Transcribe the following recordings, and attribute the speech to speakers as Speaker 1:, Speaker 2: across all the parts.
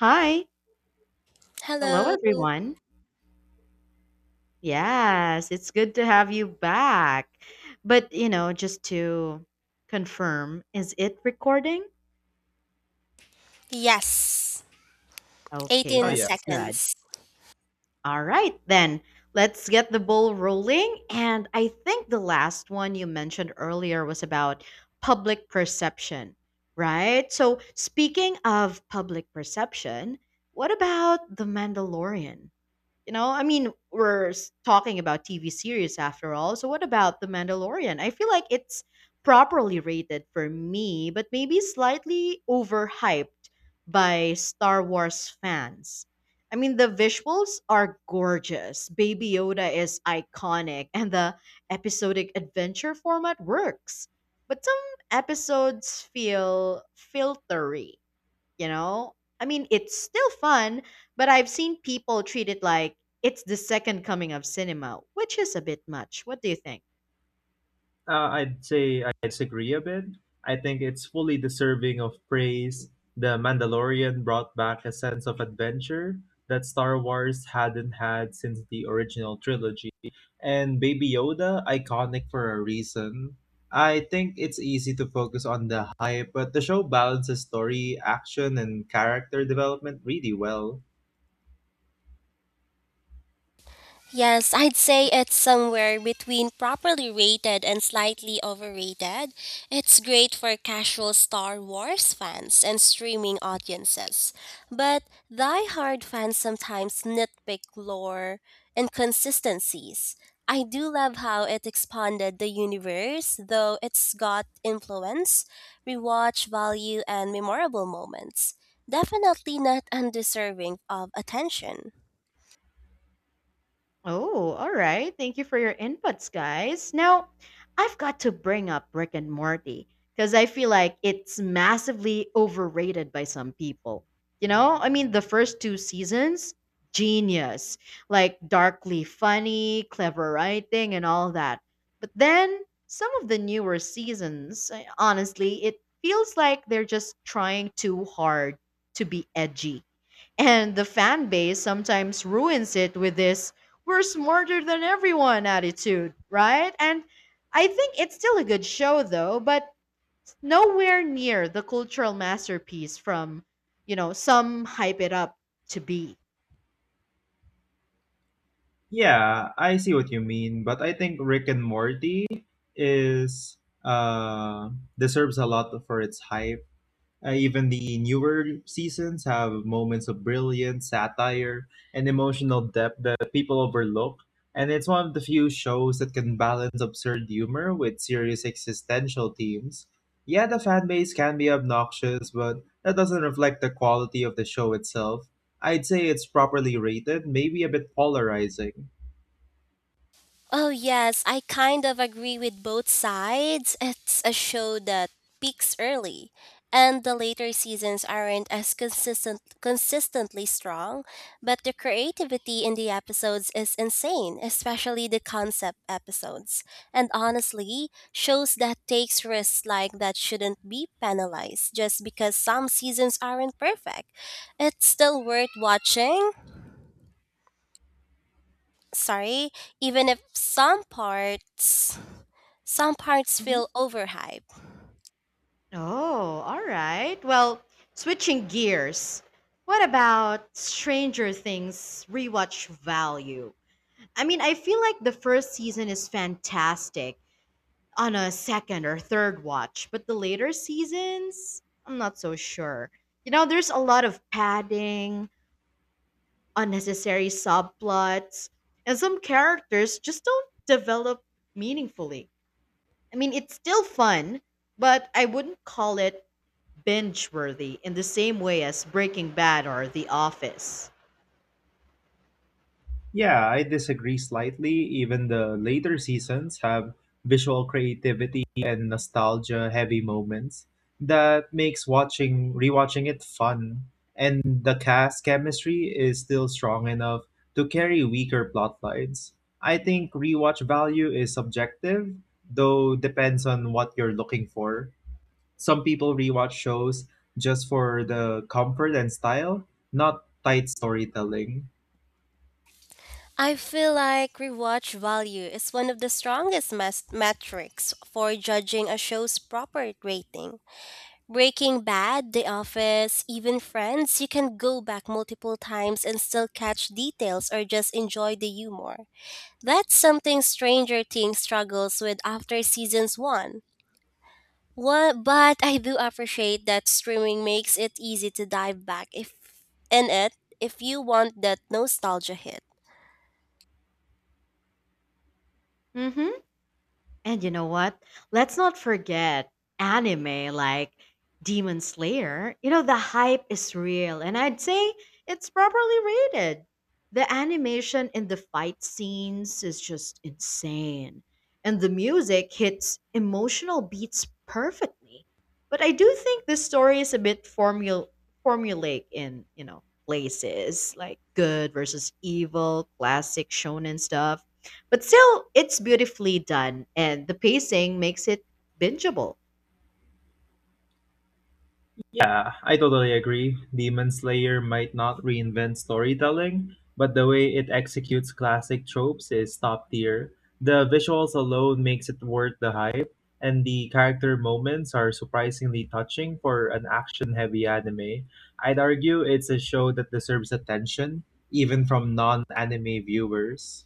Speaker 1: Hi. Hello,
Speaker 2: Hello.
Speaker 1: everyone. Yes, it's good to have you back. Just to confirm, is it recording?
Speaker 2: Yes.
Speaker 1: Okay,
Speaker 3: Oh
Speaker 2: 18
Speaker 1: that's
Speaker 3: yeah,
Speaker 1: good.
Speaker 2: seconds.
Speaker 1: All right, then let's get the ball rolling. And I think the last one you mentioned earlier was about public perception, right? So, speaking of public perception, what about The Mandalorian? We're talking about TV series after all. So what about The Mandalorian? I feel like it's properly rated for me, but maybe slightly overhyped by Star Wars fans. I mean, the visuals are gorgeous. Baby Yoda is iconic, and the episodic adventure format works. But some episodes feel filtery you know? I mean, it's still fun, but I've seen people treat it like it's the second coming of cinema, which is a bit much. What do you think?
Speaker 3: I'd say I disagree a bit. I think it's fully deserving of praise. The Mandalorian brought back a sense of adventure that Star Wars hadn't had since the original trilogy, and Baby Yoda iconic for a reason. I think it's easy to focus on the hype, but the show balances story, action, and character development really well.
Speaker 2: Yes, I'd say it's somewhere between properly rated and slightly overrated. It's great for casual Star Wars fans and streaming audiences, but die-hard fans sometimes nitpick lore inconsistencies. I do love how it expanded the universe, though it's got influence, rewatch value, and memorable moments. Definitely not undeserving of attention.
Speaker 1: Oh, all right. Thank you for your inputs, guys. Now, I've got to bring up Rick and Morty because I feel like it's massively overrated by some people. The first two seasons, genius, like darkly funny, clever writing, and all that. But then some of the newer seasons, honestly, it feels like they're just trying too hard to be edgy and the fan base sometimes ruins it with this we're smarter than everyone attitude, right? And I think it's still a good show though, but nowhere near the cultural masterpiece from, some hype it up to be.
Speaker 3: Yeah, I see what you mean, but I think Rick and Morty is uh deserves a lot for its hype. Even the newer seasons have moments of brilliance, satire, and emotional depth that people overlook. And it's one of the few shows that can balance absurd humor with serious existential themes. Yeah, the fan base can be obnoxious, but that doesn't reflect the quality of the show itself. I'd say it's properly rated, maybe a bit polarizing.
Speaker 2: Oh, yes, I kind of agree with both sides. It's a show that peaks early, and the later seasons aren't as consistently strong, but the creativity in the episodes is insane, especially the concept episodes. And honestly, shows that takes risks like that shouldn't be penalized just because some seasons aren't perfect. It's still worth watching. Sorry, even if some parts
Speaker 1: Mhm.
Speaker 2: feel overhyped.
Speaker 1: Oh, all right. Well, switching gears. What about Stranger Things rewatch value? I mean, I feel like the first season is fantastic on a second or third watch, but the later seasons, I'm not so sure. You know, there's a lot of padding, unnecessary subplots, and some characters just don't develop meaningfully. I mean, it's still fun, but I wouldn't call it binge worthy in the same way as Breaking Bad or The Office.
Speaker 3: Yeah, I disagree slightly. Even the later seasons have visual creativity and nostalgia heavy moments that makes watching rewatching it fun. And the cast chemistry is still strong enough to carry weaker plot lines. I think rewatch value is subjective, though depends on what you're looking for. Some people rewatch shows just for the comfort and style, not tight storytelling.
Speaker 2: I feel like rewatch value is one of the strongest metrics for judging a show's proper rating. Breaking Bad, The Office, even Friends, you can go back multiple times and still catch details or just enjoy the humor. That's something Stranger Things struggles with after seasons 1. What, but I do appreciate that streaming makes it easy to dive back if in it if you want that nostalgia hit.
Speaker 1: Mm hmm. And you know what? Let's not forget anime like Demon Slayer. You know, the hype is real, and I'd say it's properly rated. The animation in the fight scenes is just insane, and the music hits emotional beats perfectly. But I do think this story is a bit formulaic in, you know, places like good versus evil, classic shonen stuff, but still, it's beautifully done, and the pacing makes it bingeable.
Speaker 3: Yeah, I totally agree. Demon Slayer might not reinvent storytelling, but the way it executes classic tropes is top tier. The visuals alone makes it worth the hype, and the character moments are surprisingly touching for an action-heavy anime. I'd argue it's a show that deserves attention, even from non-anime viewers.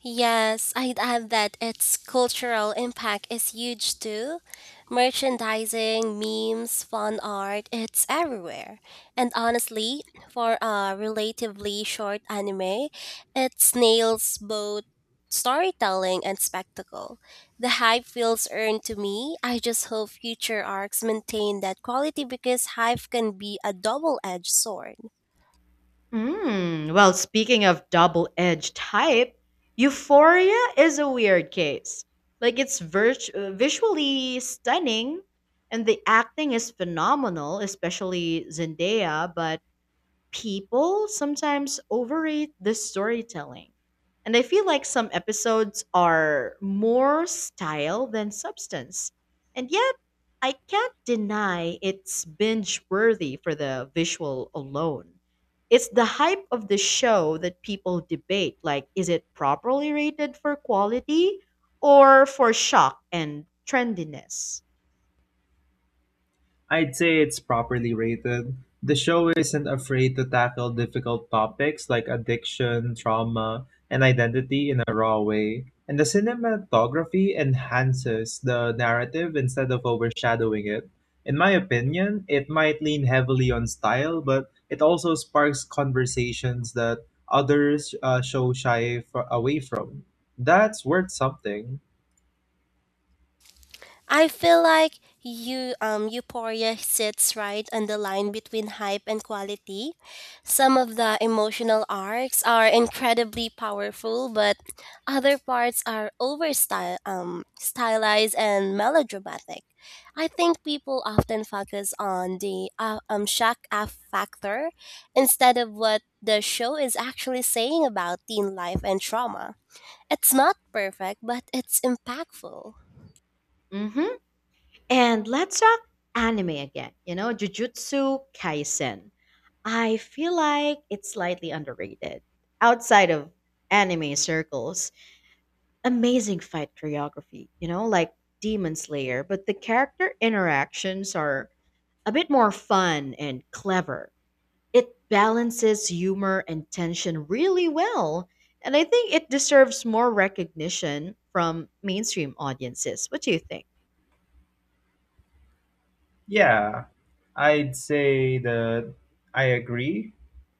Speaker 2: Yes, I'd add that its cultural impact is huge too. Merchandising, memes, fun art, it's everywhere. And honestly, for a relatively short anime, it nails both storytelling and spectacle. The hype feels earned to me. I just hope future arcs maintain that quality because hype can be a double edged sword.
Speaker 1: Mm, well, speaking of double edged hype, Euphoria is a weird case. Like, it's visually stunning, and the acting is phenomenal, especially Zendaya, but people sometimes overrate the storytelling. And I feel like some episodes are more style than substance. And yet, I can't deny it's binge worthy for the visual alone. It's the hype of the show that people debate, like, is it properly rated for quality or for shock and trendiness?
Speaker 3: I'd say it's properly rated. The show isn't afraid to tackle difficult topics like addiction, trauma, and identity in a raw way. And the cinematography enhances the narrative instead of overshadowing it. In my opinion, it might lean heavily on style, but it also sparks conversations that others show away from. That's worth something.
Speaker 2: I feel like you Euphoria sits right on the line between hype and quality. Some of the emotional arcs are incredibly powerful, but other parts are over style, stylized and melodramatic. I think people often focus on the shock factor instead of what the show is actually saying about teen life and trauma. It's not perfect, but it's impactful.
Speaker 1: Hmm. And let's talk anime again. You know, Jujutsu Kaisen, I feel like it's slightly underrated outside of anime circles. Amazing fight choreography, you know, like Demon Slayer, but the character interactions are a bit more fun and clever. It balances humor and tension really well, and I think it deserves more recognition from mainstream audiences. What do you think?
Speaker 3: Yeah, I'd say that I agree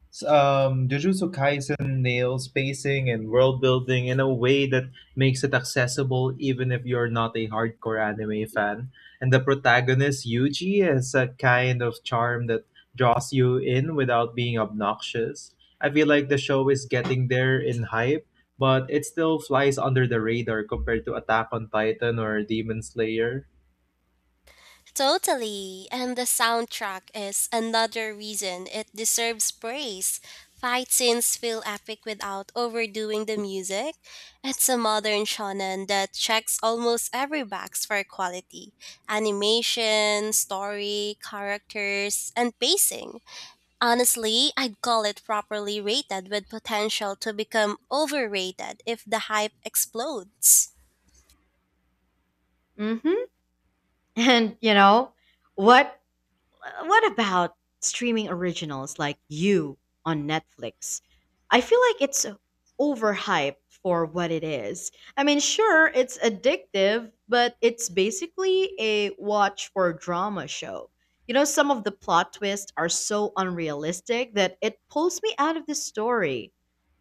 Speaker 3: Jujutsu Kaisen nails spacing and world building in a way that makes it accessible even if you're not a hardcore anime fan. And the protagonist, Yuji, has a kind of charm that draws you in without being obnoxious. I feel like the show is getting there in hype, but it still flies under the radar compared to Attack on Titan or Demon Slayer.
Speaker 2: Totally. And the soundtrack is another reason it deserves praise. Fight scenes feel epic without overdoing the music. It's a modern shonen that checks almost every box for quality animation, story, characters, and pacing. Honestly, I'd call it properly rated with potential to become overrated if the hype explodes.
Speaker 1: Mm-hmm. And you know what? What about streaming originals like You on Netflix? I feel like it's overhyped for what it is. I mean, sure, it's addictive, but it's basically a watch for drama show. You know, some of the plot twists are so unrealistic that it pulls me out of the story.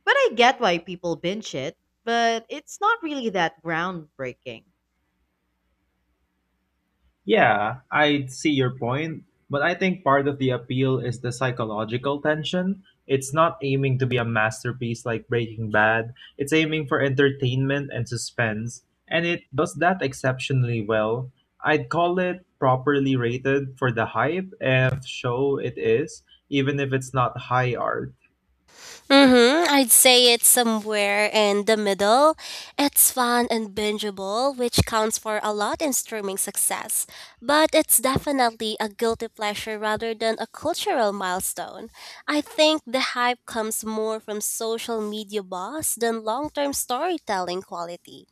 Speaker 1: But I get why people binge it, but it's not really that groundbreaking.
Speaker 3: Yeah, I see your point, but I think part of the appeal is the psychological tension. It's not aiming to be a masterpiece like Breaking Bad, it's aiming for entertainment and suspense, and it does that exceptionally well. I'd call it properly rated for the hype and show it is, even if it's not high art.
Speaker 2: Mm-hmm. I'd say it's somewhere in the middle. It's fun and bingeable, which counts for a lot in streaming success. But it's definitely a guilty pleasure rather than a cultural milestone. I think the hype comes more from social media buzz than long-term storytelling quality.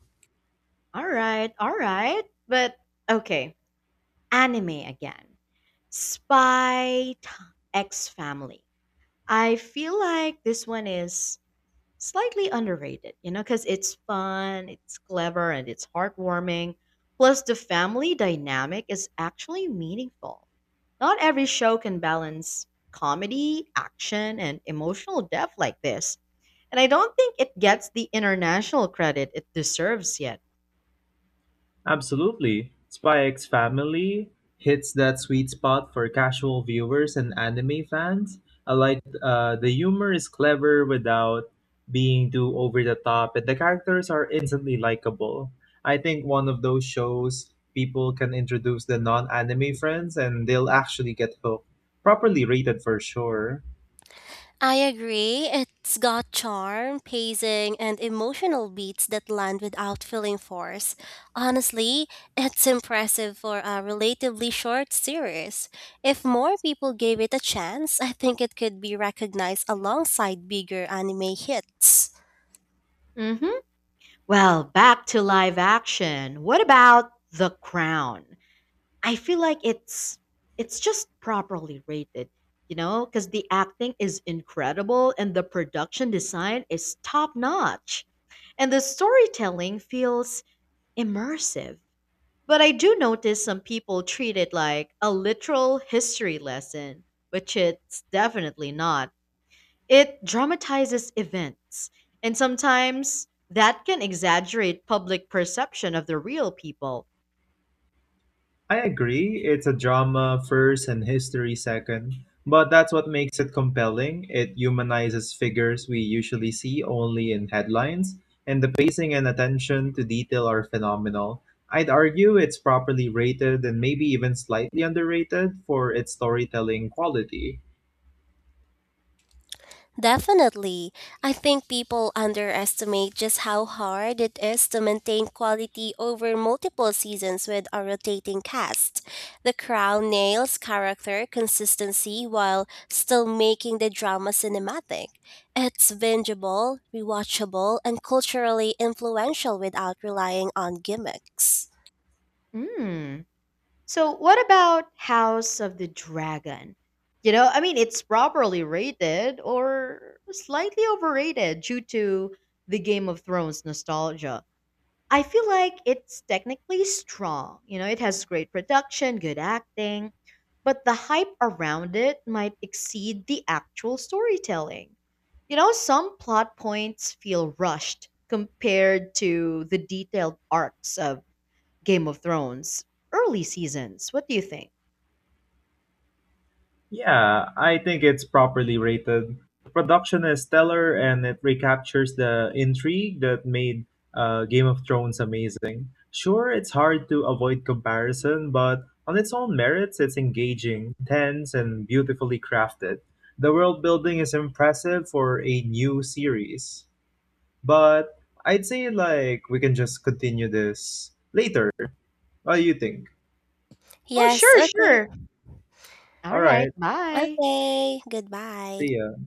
Speaker 1: All right, all right. But okay, anime again. Spy t- X Family. I feel like this one is slightly underrated, you know, because it's fun, it's clever, and it's heartwarming. Plus, the family dynamic is actually meaningful. Not every show can balance comedy, action, and emotional depth like this. And I don't think it gets the international credit it deserves yet.
Speaker 3: Absolutely. Spy X Family hits that sweet spot for casual viewers and anime fans. I like the humor is clever without being too over the top, and the characters are instantly likable. I think one of those shows people can introduce the non anime friends and they'll actually get hooked. Properly rated for sure.
Speaker 2: I agree. It's got charm, pacing, and emotional beats that land without feeling forced. Honestly, it's impressive for a relatively short series. If more people gave it a chance, I think it could be recognized alongside bigger anime hits.
Speaker 1: Hmm. Well, back to live action. What about The Crown? I feel like it's just properly rated, you know, cuz the acting is incredible and the production design is top notch and the storytelling feels immersive. But I do notice some people treat it like a literal history lesson, which it's definitely not. It dramatizes events, and sometimes that can exaggerate public perception of the real people.
Speaker 3: I agree, it's a drama first and history second, but that's what makes it compelling. It humanizes figures we usually see only in headlines, and the pacing and attention to detail are phenomenal. I'd argue it's properly rated and maybe even slightly underrated for its storytelling quality.
Speaker 2: Definitely. I think people underestimate just how hard it is to maintain quality over multiple seasons with a rotating cast. The crown nails character consistency while still making the drama cinematic. It's bingeable, rewatchable, and culturally influential without relying on gimmicks.
Speaker 1: Hmm. So, what about House of the Dragon? You know, I mean, it's properly rated or slightly overrated due to the Game of Thrones nostalgia. I feel like it's technically strong. You know, it has great production, good acting, but the hype around it might exceed the actual storytelling. You know, some plot points feel rushed compared to the detailed arcs of Game of Thrones early seasons. What do you think?
Speaker 3: Yeah, I think it's properly rated. The production is stellar and it recaptures the intrigue that made Game of Thrones amazing. Sure, it's hard to avoid comparison, but on its own merits, it's engaging, tense, and beautifully crafted. The world building is impressive for a new series, but I'd say like we can just continue this later. What do you think?
Speaker 1: Oh,
Speaker 2: Yes,
Speaker 1: sure,
Speaker 2: okay.
Speaker 1: sure. All
Speaker 3: All
Speaker 1: right,
Speaker 3: right,
Speaker 1: bye.
Speaker 2: Okay, goodbye.
Speaker 3: see ya.